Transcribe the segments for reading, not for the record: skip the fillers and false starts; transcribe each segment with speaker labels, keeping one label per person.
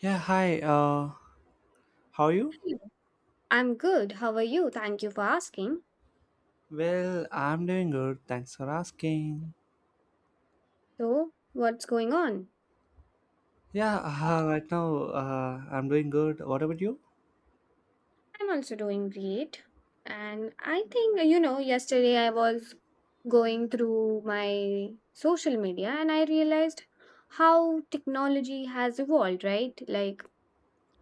Speaker 1: Yeah, hi. How are you?
Speaker 2: You? I'm good. How are you? Thank you for asking.
Speaker 1: Well, I'm doing good. Thanks for asking.
Speaker 2: So, what's going on?
Speaker 1: Yeah, right now I'm doing good. What about you?
Speaker 2: I'm also doing great. And I think, yesterday I was going through my social media and I realized how technology has evolved, right? Like,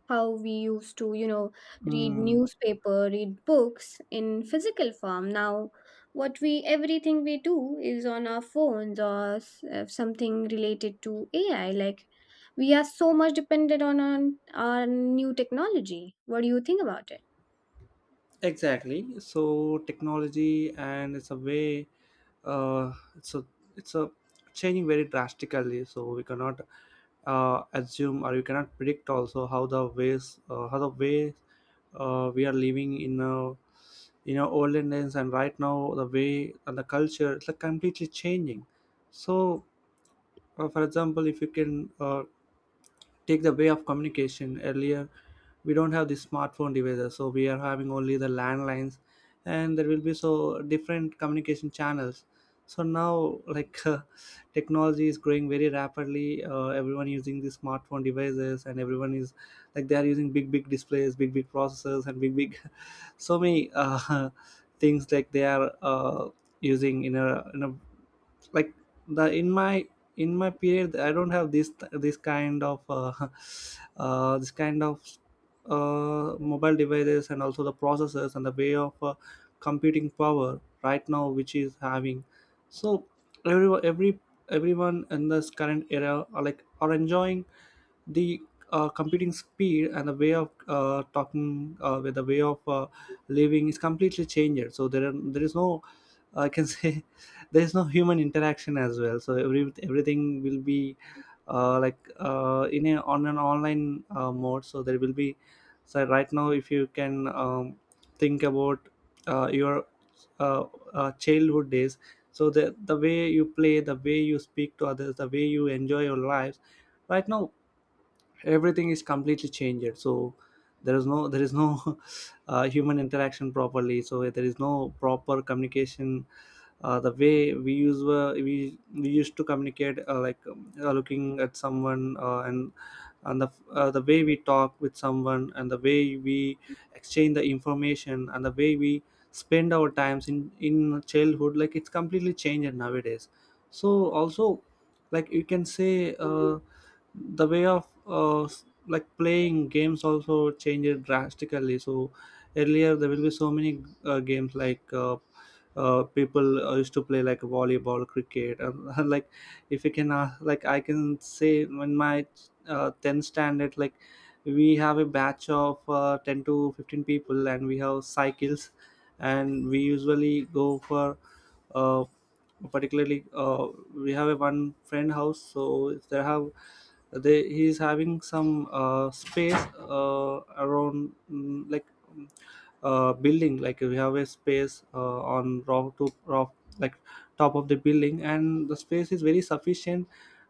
Speaker 2: how we used to read
Speaker 1: Mm,
Speaker 2: newspaper, read books in physical form. Now what we everything we do is on our phones or something related to AI. Like, we are so much dependent on our new technology. What do you think about it?
Speaker 1: exactly. So technology and it's a way uh, it's a it's a changing very drastically, so we cannot assume or we cannot predict also how the ways how the way we are living in a you know olden days, and right now the way and the culture it's like completely changing. So for example, if you can take the way of communication earlier, we don't have the smartphone devices, so we are having only the landlines, and there will be so different communication channels. So now like technology is growing very rapidly. Everyone using the smartphone devices, and everyone is like they are using big big displays, big big processors, and big big so many things, like they are using in a like the in my period, I don't have this kind of this kind of mobile devices, and also the processors and the way of computing power right now which is having. So every every everyone in this current era are like are enjoying the computing speed and the way of talking with the way of living is completely changed. So there is no, I can say there is no human interaction as well. So everything will be like in a on an online mode, so there will be. So right now, if you can think about your uh, childhood days. So the way you play, the way you speak to others, the way you enjoy your lives right now, everything is completely changed. So there is no human interaction properly, so there is no proper communication. The way we use we used to communicate like looking at someone and and the way we talk with someone, and the way we exchange the information, and the way we spend our times in childhood, like it's completely changed nowadays. So also like you can say the way of like playing games also changed drastically. So earlier there will be so many games like people used to play like volleyball, cricket, and like if you can like I can say when my 10th standard, like we have a batch of 10 to 15 people, and we have cycles, and we usually go for uh, particularly we have a one friend house. So if they have, they he is having some space around, mm, building, like we have a space on rock to rock, like top of the building, and the space is very sufficient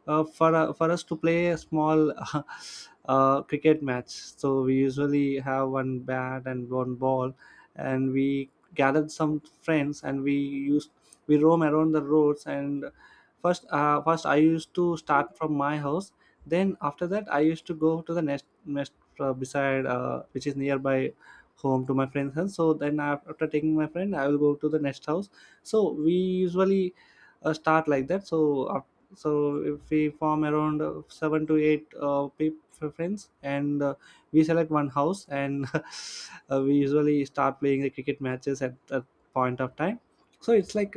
Speaker 1: for for us to play a small cricket match. So we usually have one bat and one ball, and we gathered some friends, and we used, we roam around the roads. And first I used to start from my house. Then after that, I used to go to the next beside, which is nearby home, to my friend's house. So then after taking my friend, I will go to the next house. So we usually start like that. So so if we form around seven to eight friends, and we select one house, and we usually start playing the cricket matches at that point of time. So it's like,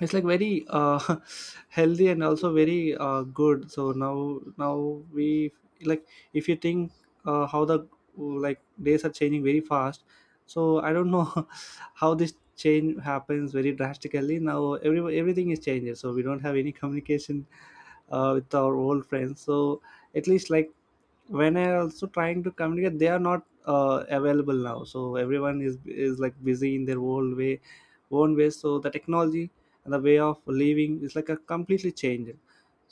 Speaker 1: it's like very healthy and also very good. So now we like, if you think how the like days are changing very fast. So I don't know how this change happens very drastically. Now everything is changing, so we don't have any communication with our old friends. So at least like when I also trying to communicate, they are not available now. So everyone is like busy in their own way. So the technology and the way of living is like a completely changed.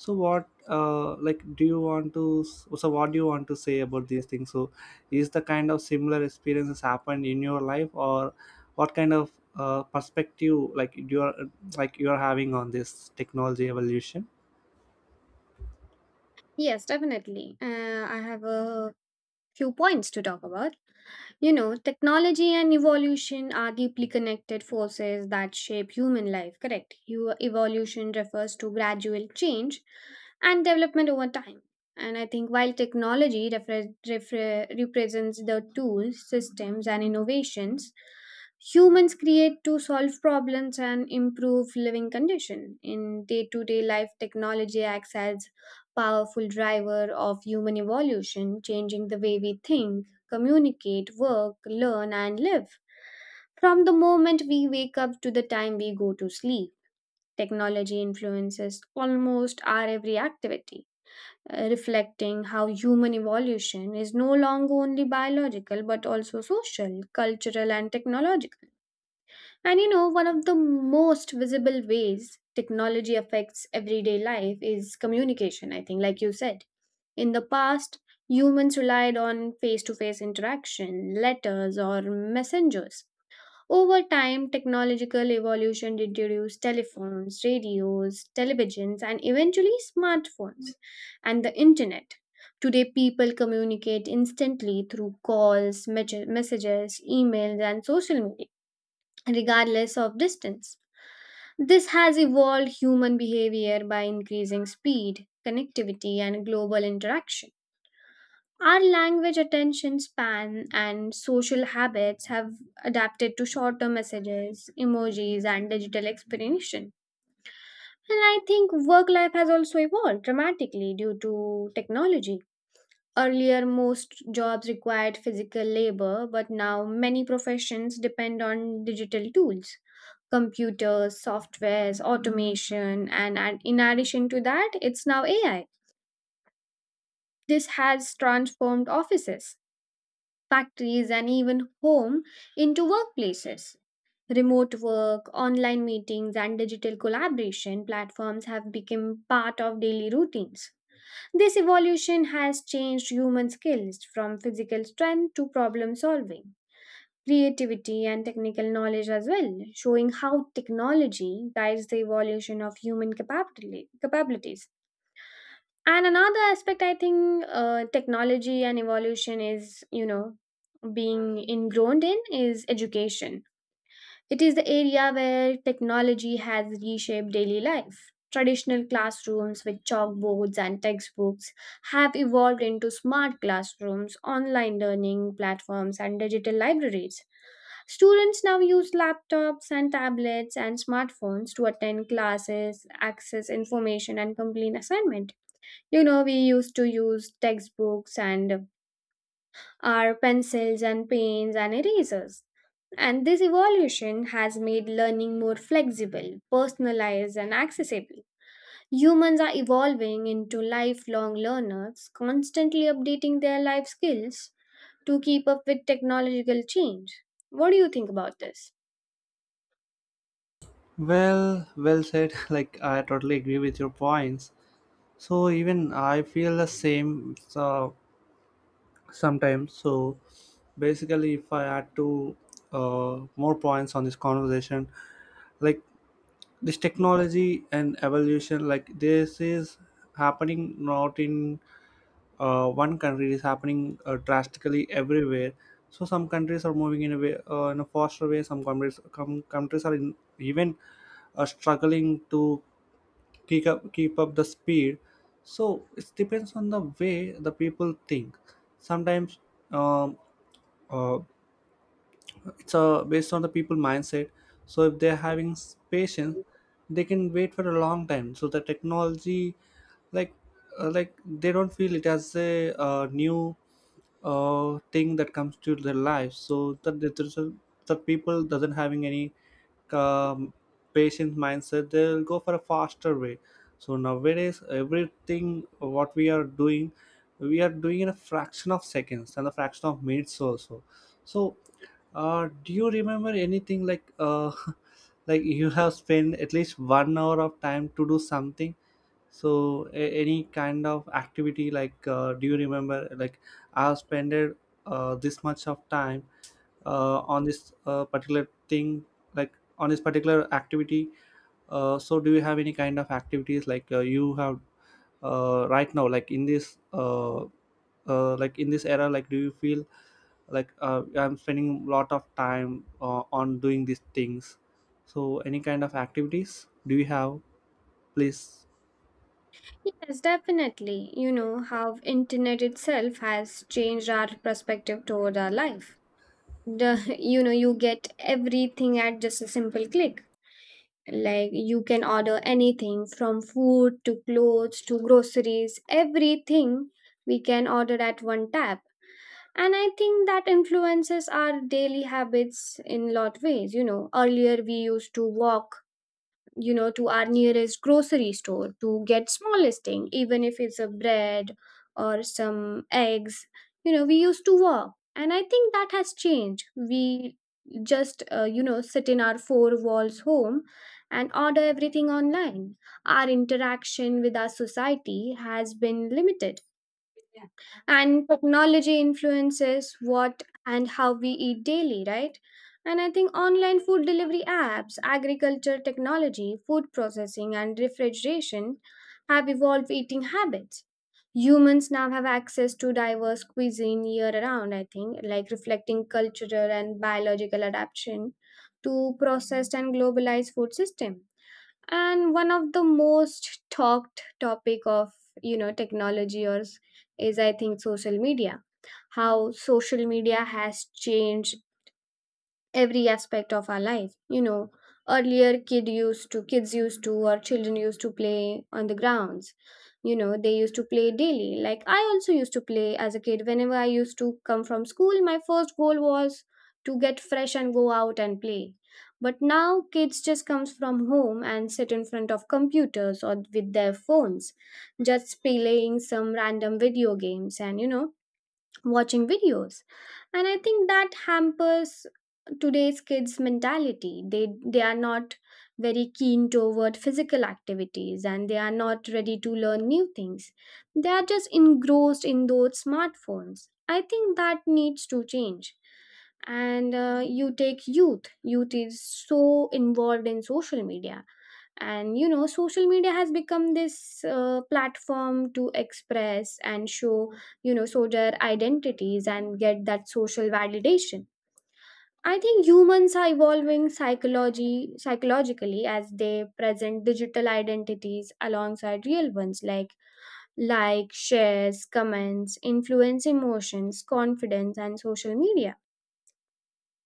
Speaker 1: So what like do you want to so what do you want to say about these things? So is the kind of similar experiences happened in your life, or what kind of perspective like you're having on this technology evolution?
Speaker 2: Yes, definitely, I have a few points to talk about. You know, technology and evolution are deeply connected forces that shape human life, correct? Evolution refers to gradual change and development over time. And I think while technology represents the tools, systems, and innovations humans create to solve problems and improve living condition in day-to-day life. Technology acts as powerful driver of human evolution, changing the way we think, communicate, work, learn, and live. From the moment we wake up to the time we go to sleep, technology influences almost our every activity, reflecting how human evolution is no longer only biological but also social, cultural, and technological. And you know, one of the most visible ways technology affects everyday life is communication, I think, like you said. In the past, humans relied on face to face interaction, letters, or messengers. Over time, technological evolution introduced telephones, radios, televisions, and eventually smartphones and the internet. Today, people communicate instantly through calls, messages, emails, and social media regardless of distance. This has evolved human behavior by increasing speed, connectivity, and global interaction. Our language, attention span, and social habits have adapted to shorter messages, emojis, and digital explanation. And I think work life has also evolved dramatically due to technology. Earlier, most jobs required physical labor, but now many professions depend on digital tools, computers, softwares, automation, and, in addition to that, it's now AI. This has transformed offices, factories, and even home into workplaces. Remote work, online meetings, and digital collaboration platforms have become part of daily routines. This evolution has changed human skills from physical strength to problem solving, creativity, and technical knowledge as well, showing how technology guides the evolution of human capabilities. And another aspect, I think, technology and evolution is, you know, being ingrown in, is education. It is the area where technology has reshaped daily life. Traditional classrooms with chalkboards and textbooks have evolved into smart classrooms, online learning platforms, and digital libraries. Students now use laptops and tablets and smartphones to attend classes, access information, and complete assignment. You know, we used to use textbooks and are pencils and paints and erasers. And this evolution has made learning more flexible, personalized, and accessible. Humans are evolving into lifelong learners, constantly updating their life skills to keep up with technological change. What do you think about this?
Speaker 1: Well, well said. Like I totally agree with your points. So even I feel the same, so sometimes. So basically, if I add to more points on this conversation, like this technology and evolution, like this is happening not in one country; it is happening drastically everywhere. So some countries are moving in a way, in a faster way. Some countries, countries are in, even struggling to keep up the speed. So it depends on the way the people think sometimes. um, uh, it's based on the people mindset. So if they're having patience, they can wait for a long time, so the technology like like they don't feel it as a new thing that comes to their life. So that the people doesn't having any um, patient mindset, they'll go for a faster way. So nowadays everything what we are doing, we are doing in a fraction of seconds and a fraction of minutes also. So do you remember anything like like you have spent at least 1 hour of time to do something? So any kind of activity, like do you remember like I have spent this much of time on this particular thing, like on this particular activity? So do you have any kind of activities, like you have right now, like in this era, like do you feel like I'm spending a lot of time on doing these things? So any kind of activities do you have, please?
Speaker 2: Yes, definitely. You know how internet itself has changed our perspective toward our life. The, you know, you get everything at just a simple click. Like, you can order anything from food to clothes to groceries. Everything we can order at one tap. And I think that influences our daily habits in lot ways. You know, earlier we used to walk, you know, to our nearest grocery store to get small listing, even if it's a bread or some eggs. You know, we used to walk, and I think that has changed. We just you know, sit in our four walls home and order everything online. Our interaction with our society has been limited, yeah. And technology influences what and how we eat daily, right? And I think online food delivery apps, agriculture technology, food processing, and refrigeration have evolved eating habits. Humans now have access to diverse cuisine year round, I think, like, reflecting cultural and biological adaptation to processed and globalized food system. And one of the most talked topic of, you know, technology or is, I think, social media. How social media has changed every aspect of our life. You know, earlier kids used to, or children used to play on the grounds. You know, they used to play daily. Like, I also used to play as a kid. Whenever I used to come from school, my first goal was to get fresh and go out and play. But now kids just comes from home and sit in front of computers or with their phones, just playing some random video games and, you know, watching videos. And I think that hampers today's kids mentality. They are not very keen toward physical activities, and they are not ready to learn new things. They are just engrossed in those smartphones. I think that needs to change. And you take youth. Youth is so involved in social media. And you know, social media has become this platform to express and show, you know, soldier identities and get that social validation. I think humans are evolving psychology psychologically as they present digital identities alongside real ones. Like shares, comments influence emotions, confidence, and social media.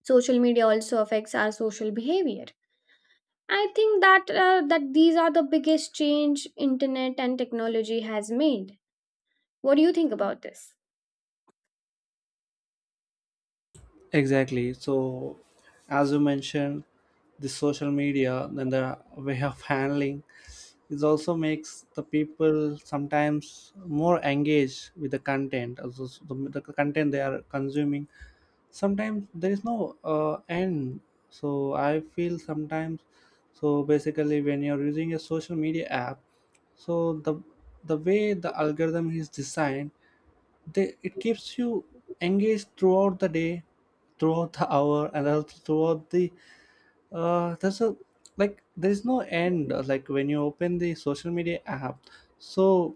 Speaker 2: Social media also affects our social behavior. I think that, these are the biggest change internet and technology has made. What do you think about this?
Speaker 1: Exactly. So as you mentioned, the social media then the way of handling it also makes the people sometimes more engaged with the content also. The content they are consuming, sometimes there is no end. So I feel sometimes, so basically when you're using a social media app, so the way the algorithm is designed, they it keeps you engaged throughout the day, throughout the hour, and also throughout the there's a, like there's no end. Like when you open the social media app, so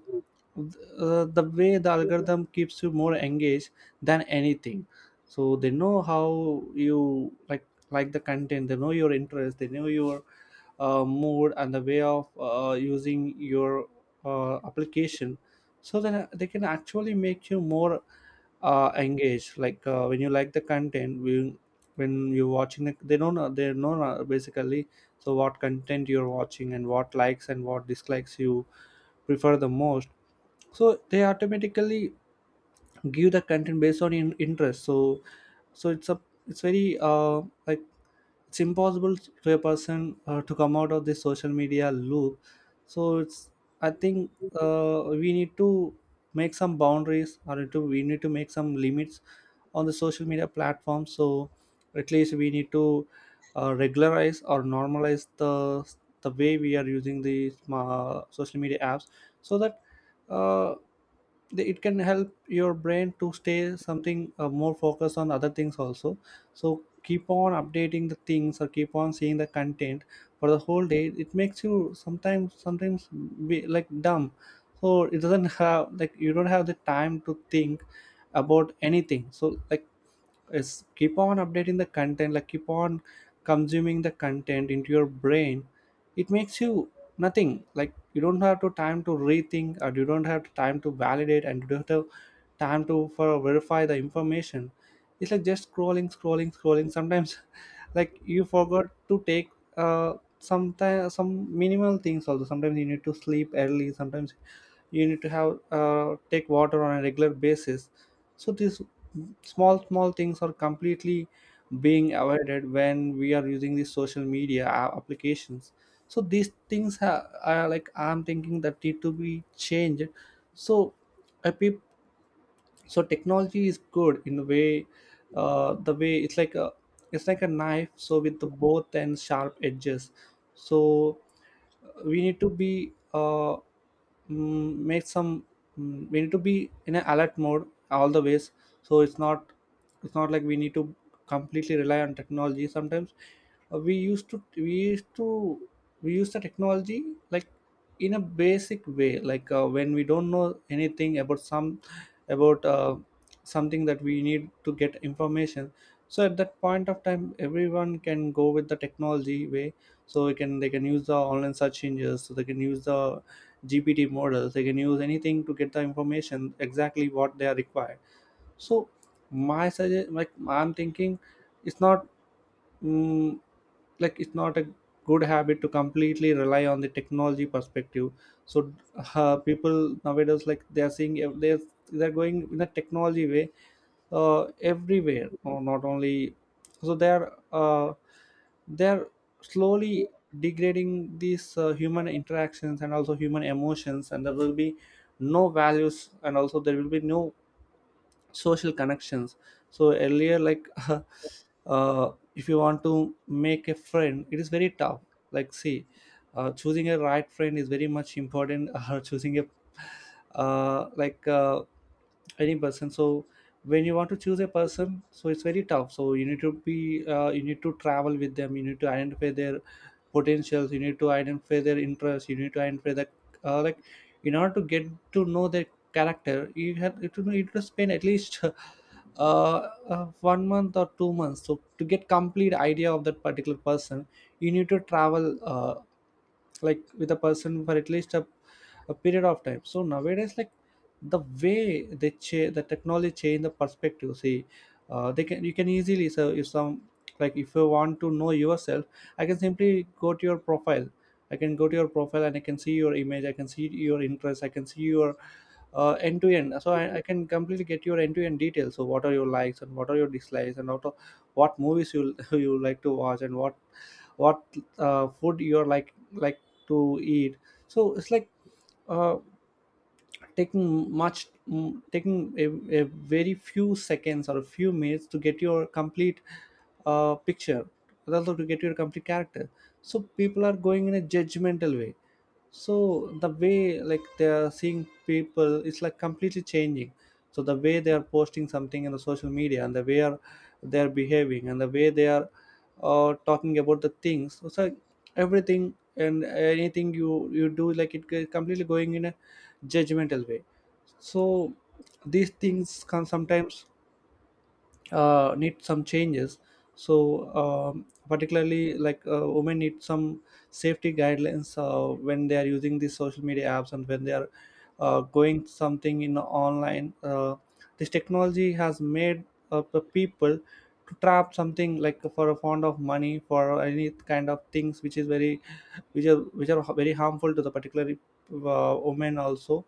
Speaker 1: the way the algorithm keeps you more engaged than anything. So they know how you like the content. They know your interest. They know your mood and the way of using your application. So then they can actually make you more engage, like when you like the content, when you're watching it, they don't know they know basically so what content you're watching and what likes and what dislikes you prefer the most. So they automatically give the content based on interest. So so it's a, it's very like it's impossible to a person to come out of this social media loop. So it's, I think we need to make some boundaries, or to we need to make some limits on the social media platform. So at least we need to regularize or normalize the way we are using the social media apps, so that uh, it can help your brain to stay something more focused on other things also. So keep on updating the things or keep on seeing the content for the whole day, it makes you sometimes be like dumb. So it doesn't have, like you don't have the time to think about anything. So like is keep on updating the content, like keep on consuming the content into your brain, it makes you nothing, like you don't have to time to rethink, or you don't have time to validate, and you don't have time to for verify the information. It's like just scrolling, scrolling, scrolling sometimes. Like you forgot to take uh some time, some minimal things also. Sometimes you need to sleep early, sometimes you need to have take water on a regular basis. So these small things are completely being avoided when we are using these social media applications. So these things are like I'm thinking that need to be changed. So a peop- so technology is good in the way it's like a, it's like a knife, so with the both and sharp edges. So we need to be mm, make some we need to be in an alert mode all the ways. So it's not, like we need to completely rely on technology sometimes. uh, we used to we used to we use the technology like in a basic way, like when we don't know anything about about uh, something that we need to get information. So at that point of time, everyone can go with the technology way. So we can they can use the online search engines, so they can use the gpt models, they can use anything to get the information exactly what they are required. So my suggest, like I'm thinking, it's not mm, like it's not a good habit to completely rely on the technology perspective. So people nowadays, like they are they're going in a technology way everywhere or not only. So they are they're slowly degrading these human interactions and also human emotions, and there will be no values, and also there will be no social connections. So earlier, like if you want to make a friend, it is very tough. Like see, choosing a right friend is very much important. Choosing a like Any person, so when you want to choose a person, so it's very tough, so you need to be you need to travel with them, you need to identify their potentials, you need to identify their interests, you need to identify that uh, like in order to get to know their character. You have to know you need to spend at least uh, 1 month or 2 months so to get complete idea of that particular person. You need to travel like with a person for at least a period of time. So nowadays, like the way they change the technology change the perspective. See, they can you can easily, so if some like if you want to know yourself, I can simply go to your profile. I can go to your profile and I can see your image, I can see your interests, I can see your end to end. So I can completely get your end to end details, so what are your likes and what are your dislikes and what movies you you like to watch and what food you're like to eat. So it's like uh, taking taking a very few seconds or a few minutes to get your complete picture, also to get your complete character. So people are going in a judgmental way. So the way, like they are seeing people, it's like completely changing. So the way they are posting something in the social media, and the way are they are behaving, and the way they are talking about the things, so it's like everything and anything you do, like it get completely going in a judgmental way. So these things can sometimes need some changes. So particularly, like women need some safety guidelines when they are using these social media apps, and when they are going something in online. This technology has made the people to trap something, like for a fund of money, for any kind of things which is very, which are very harmful to the particular women also.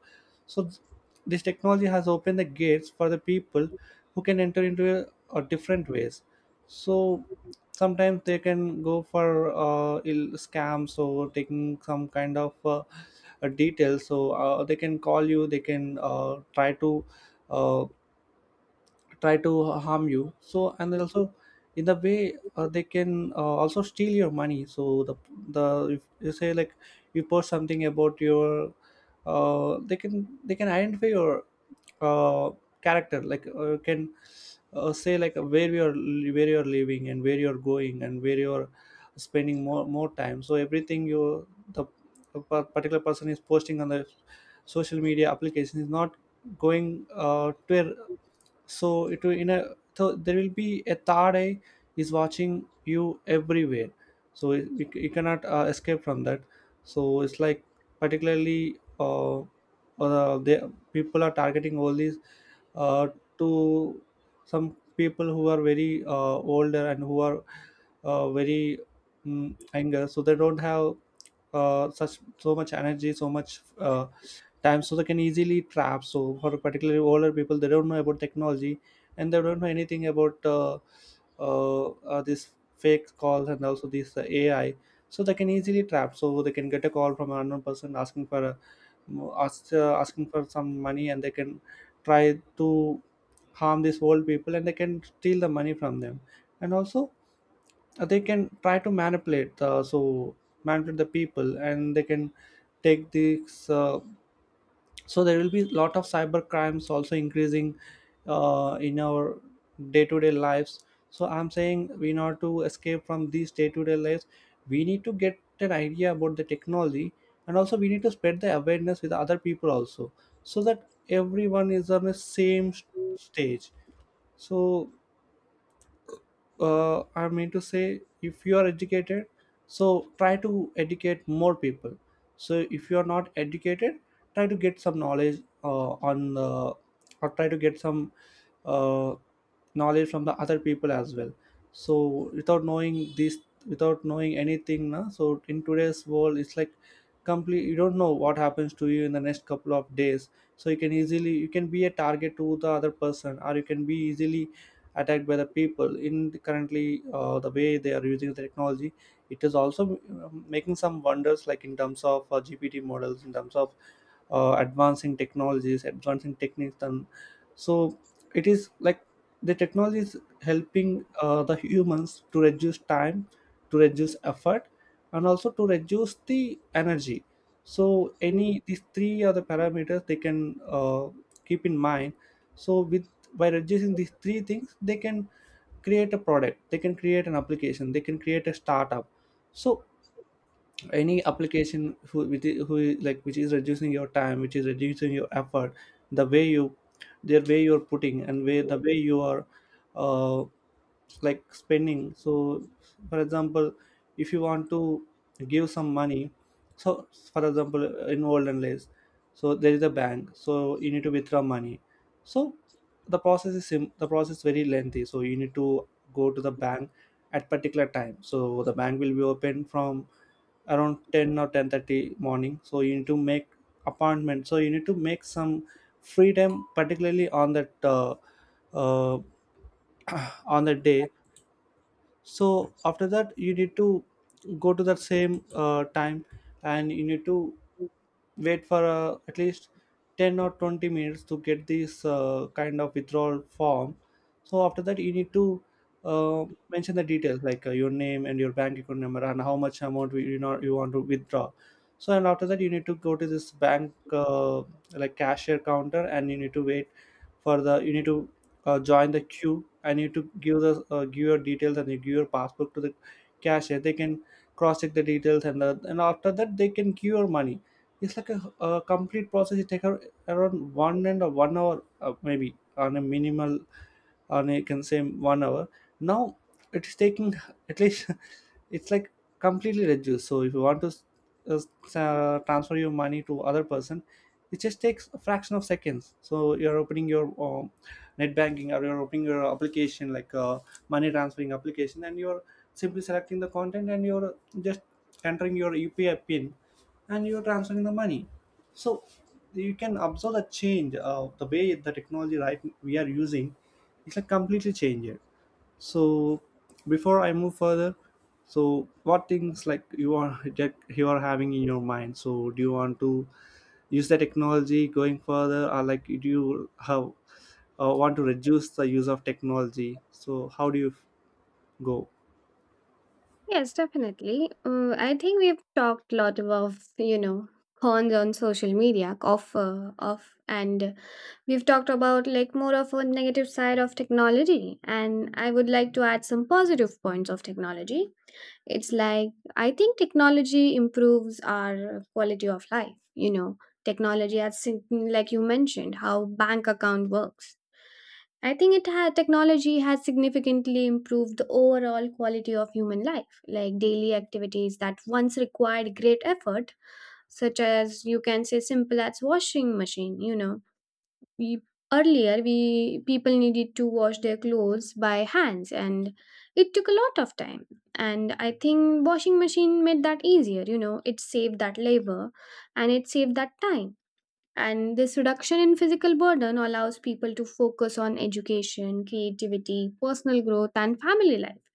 Speaker 1: so th- this technology has opened the gates for the people who can enter into or different ways. So sometimes they can go for ill scams or taking some kind of details. So they can call you, they can uh, try to harm you. So and then also in the way they can also steal your money. So the if you say, like you post something about your they can identify your uh, character, like can say like where you're, where you're living, and where you're going, and where you're spending more time. So everything you the particular person is posting on the social media application is not going to a, so it will in a, so there will be a third eye is watching you everywhere. So you you cannot escape from that. So it's like particularly they people are targeting all these uh, to some people who are very older, and who are uh, very anger, so they don't have such so much energy, so much time, so they can easily trap. So for particularly older people, they don't know about technology, and they don't know anything about these fake calls, and also this ai. So they can easily trap. So they can get a call from an unknown person asking for asking for some money, and they can try to harm these old people, and they can steal the money from them. And also they can try to manipulate manipulate the people, and they can take this so there will be a lot of cyber crimes also increasing in our day-to-day lives. So I'm saying, in order to escape from these day-to-day lives, we need to get an idea about the technology, and also we need to spread the awareness with other people also, so that everyone is on the same stage. So I mean to say, if you are educated, so try to educate more people. So if you are not educated, try to get some knowledge on or try to get some uh, knowledge from the other people as well. So without knowing this, without knowing anything, na, so in today's world, it's like complete. You don't know what happens to you in the next couple of days. So you can easily, you can be a target to the other person, or you can be easily attacked by the people in currently. The way they are using the technology, it is also making some wonders, like in terms of gpt models, in terms of advancing technologies, advancing techniques, and so it is like the technology is helping the humans to reduce time, to reduce effort, and also to reduce the energy. So any these three are the parameters they can keep in mind. So with, by reducing these three things, they can create a product, they can create an application, they can create a startup. So any application who which is, like which is reducing your time, which is reducing your effort, the way you're putting, and way the way you are uh, like spending. So for example, if you want to give some money, so for example, in olden days, so there is a bank, so you need to withdraw money. So the process is the process very lengthy. So you need to go to the bank at particular time. So the bank will be open from around 10 or 10:30 morning. So you need to make appointment, so you need to make some free time particularly on that uh, on that day. So after that, you need to go to that same time, and you need to wait for at least 10 or 20 minutes to get this kind of withdrawal form. So after that, you need to mention the details, like your name and your bank account number and how much amount we you know you want to withdraw. So and after that, you need to go to this bank like cashier counter, and you need to wait for the you need to join the queue, and you need to give the give your details, and you give your passport to the cashier. They can cross check the details and after that they can give your money. It's like a complete process. It takes around 1 hour maybe on a minimal, or you can say 1 hour. Now it is taking at least it's like completely reduced. So if you want to transfer your money to other person, it just takes a fraction of seconds. So you're opening your net banking, or you're opening your application like money transferring application, and you're simply selecting the content, and you're just entering your upi pin, and you're transferring the money. So you can observe the change the way the technology right we are using, it's like completely changed. So before I move further, so what things like you are that you are having in your mind, so do you want to use the technology going further, or like do you have want to reduce the use of technology? So how do you go?
Speaker 2: Yes, definitely. I think we've talked a lot about, you know, cons on social media of, of and we've talked about like more of a negative side of technology, and I would like to add some positive points of technology. It's like, I think technology improves our quality of life. You know, technology has, like you mentioned, how bank account works. I think technology has significantly improved the overall quality of human life. Like daily activities that once required great effort, such as, you can say, simple as washing machine. You know, we earlier, we people needed to wash their clothes by hands, and it took a lot of time. And I think washing machine made that easier. You know, it saved that labor, and it saved that time. And this reduction in physical burden allows people to focus on education, creativity, personal growth, and family life.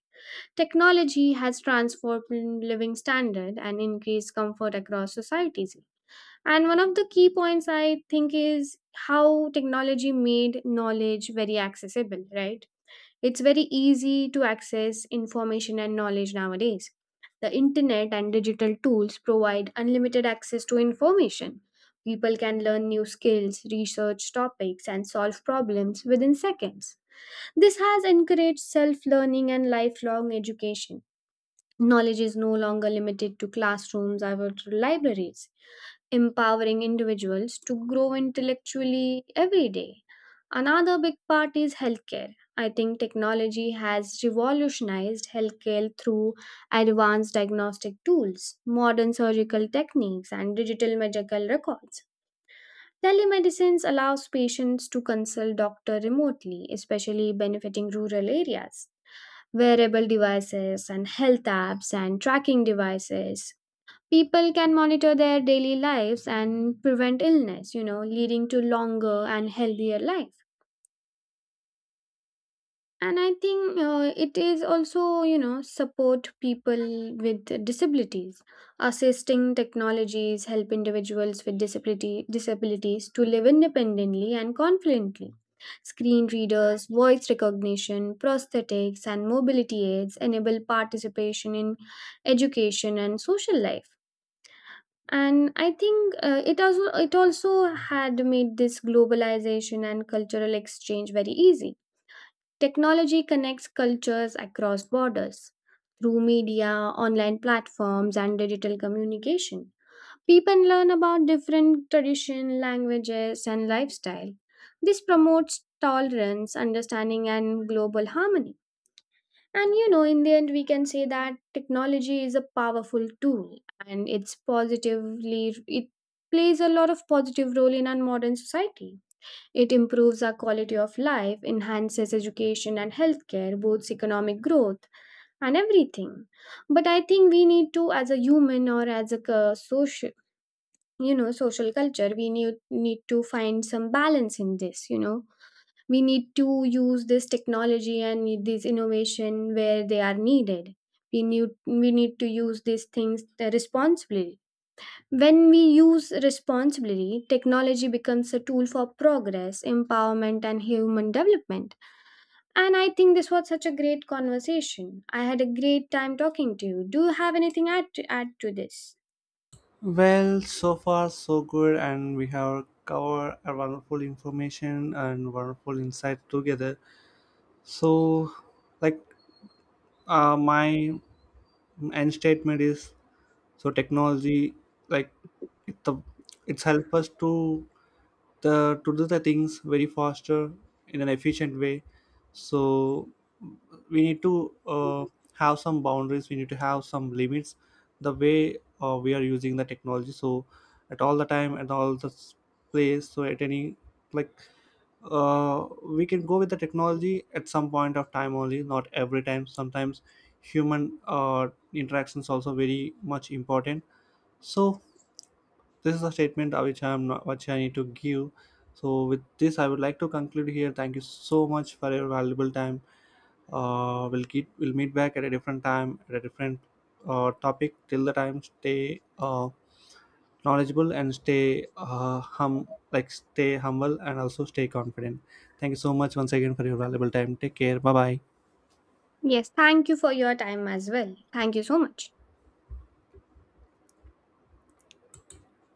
Speaker 2: Technology has transformed living standard and increased comfort across societies. And one of the key points, I think, is how technology made knowledge very accessible, right? It's very easy to access information and knowledge nowadays. The internet and digital tools provide unlimited access to information. People can learn new skills, research topics, and solve problems within seconds. This has encouraged self learning and lifelong education. Knowledge is no longer limited to classrooms or to libraries, empowering individuals to grow intellectually every day. Another big part is healthcare. I think technology has revolutionized healthcare through advanced diagnostic tools, modern surgical techniques, and digital medical records. Telemedicine allows patients to consult doctor remotely, especially benefiting rural areas. Wearable devices and health apps and tracking devices, people can monitor their daily lives and prevent illness, you know, leading to longer and healthier life. And I think, it is also, you know, support people with disabilities. Assisting technologies help individuals with disability disabilities to live independently and confidently. Screen readers, voice recognition, prosthetics, and mobility aids enable participation in education and social life. And I think, it also had made this globalization and cultural exchange very easy. Technology connects cultures across borders through media, online platforms, and digital communication. People learn about different tradition, languages, and lifestyle. This promotes tolerance, understanding, and global harmony. And you know, in the end, we can say that technology is a powerful tool, and it plays a lot of positive role in our modern society. It improves our quality of life, enhances education and healthcare, boosts economic growth, and everything. But I think we need to, as a human or as a social, you know, social culture, we need to find some balance in this, you know. We need to use this technology and need this innovation where they are needed. We need to use these things responsibly. When we use responsibly, technology becomes a tool for progress, empowerment, and human development. And I think this was such a great conversation. I had a great time talking to you. Do you have anything add to this?
Speaker 1: Well, so far so good, and we have covered a wonderful information and wonderful insight together. So like my end statement is, so technology, like it, the, it's help us to the to do the things very faster in an efficient way. So we need to have some boundaries, we need to have some limits the way we are using the technology, so at all the time, at all the place, so at any, like we can go with the technology at some point of time only, not every time. Sometimes human interactions also very much important. So this is a statement which I am not, which I need to give. So with this, I would like to conclude here. Thank you so much for your valuable time. We'll keep we'll meet back at a different time at a different topic. Till the time, stay knowledgeable, and stay hum like stay humble, and also stay confident. Thank you so much once again for your valuable time. Take care. Bye bye.
Speaker 2: Yes, thank you for your time as well. Thank you so much.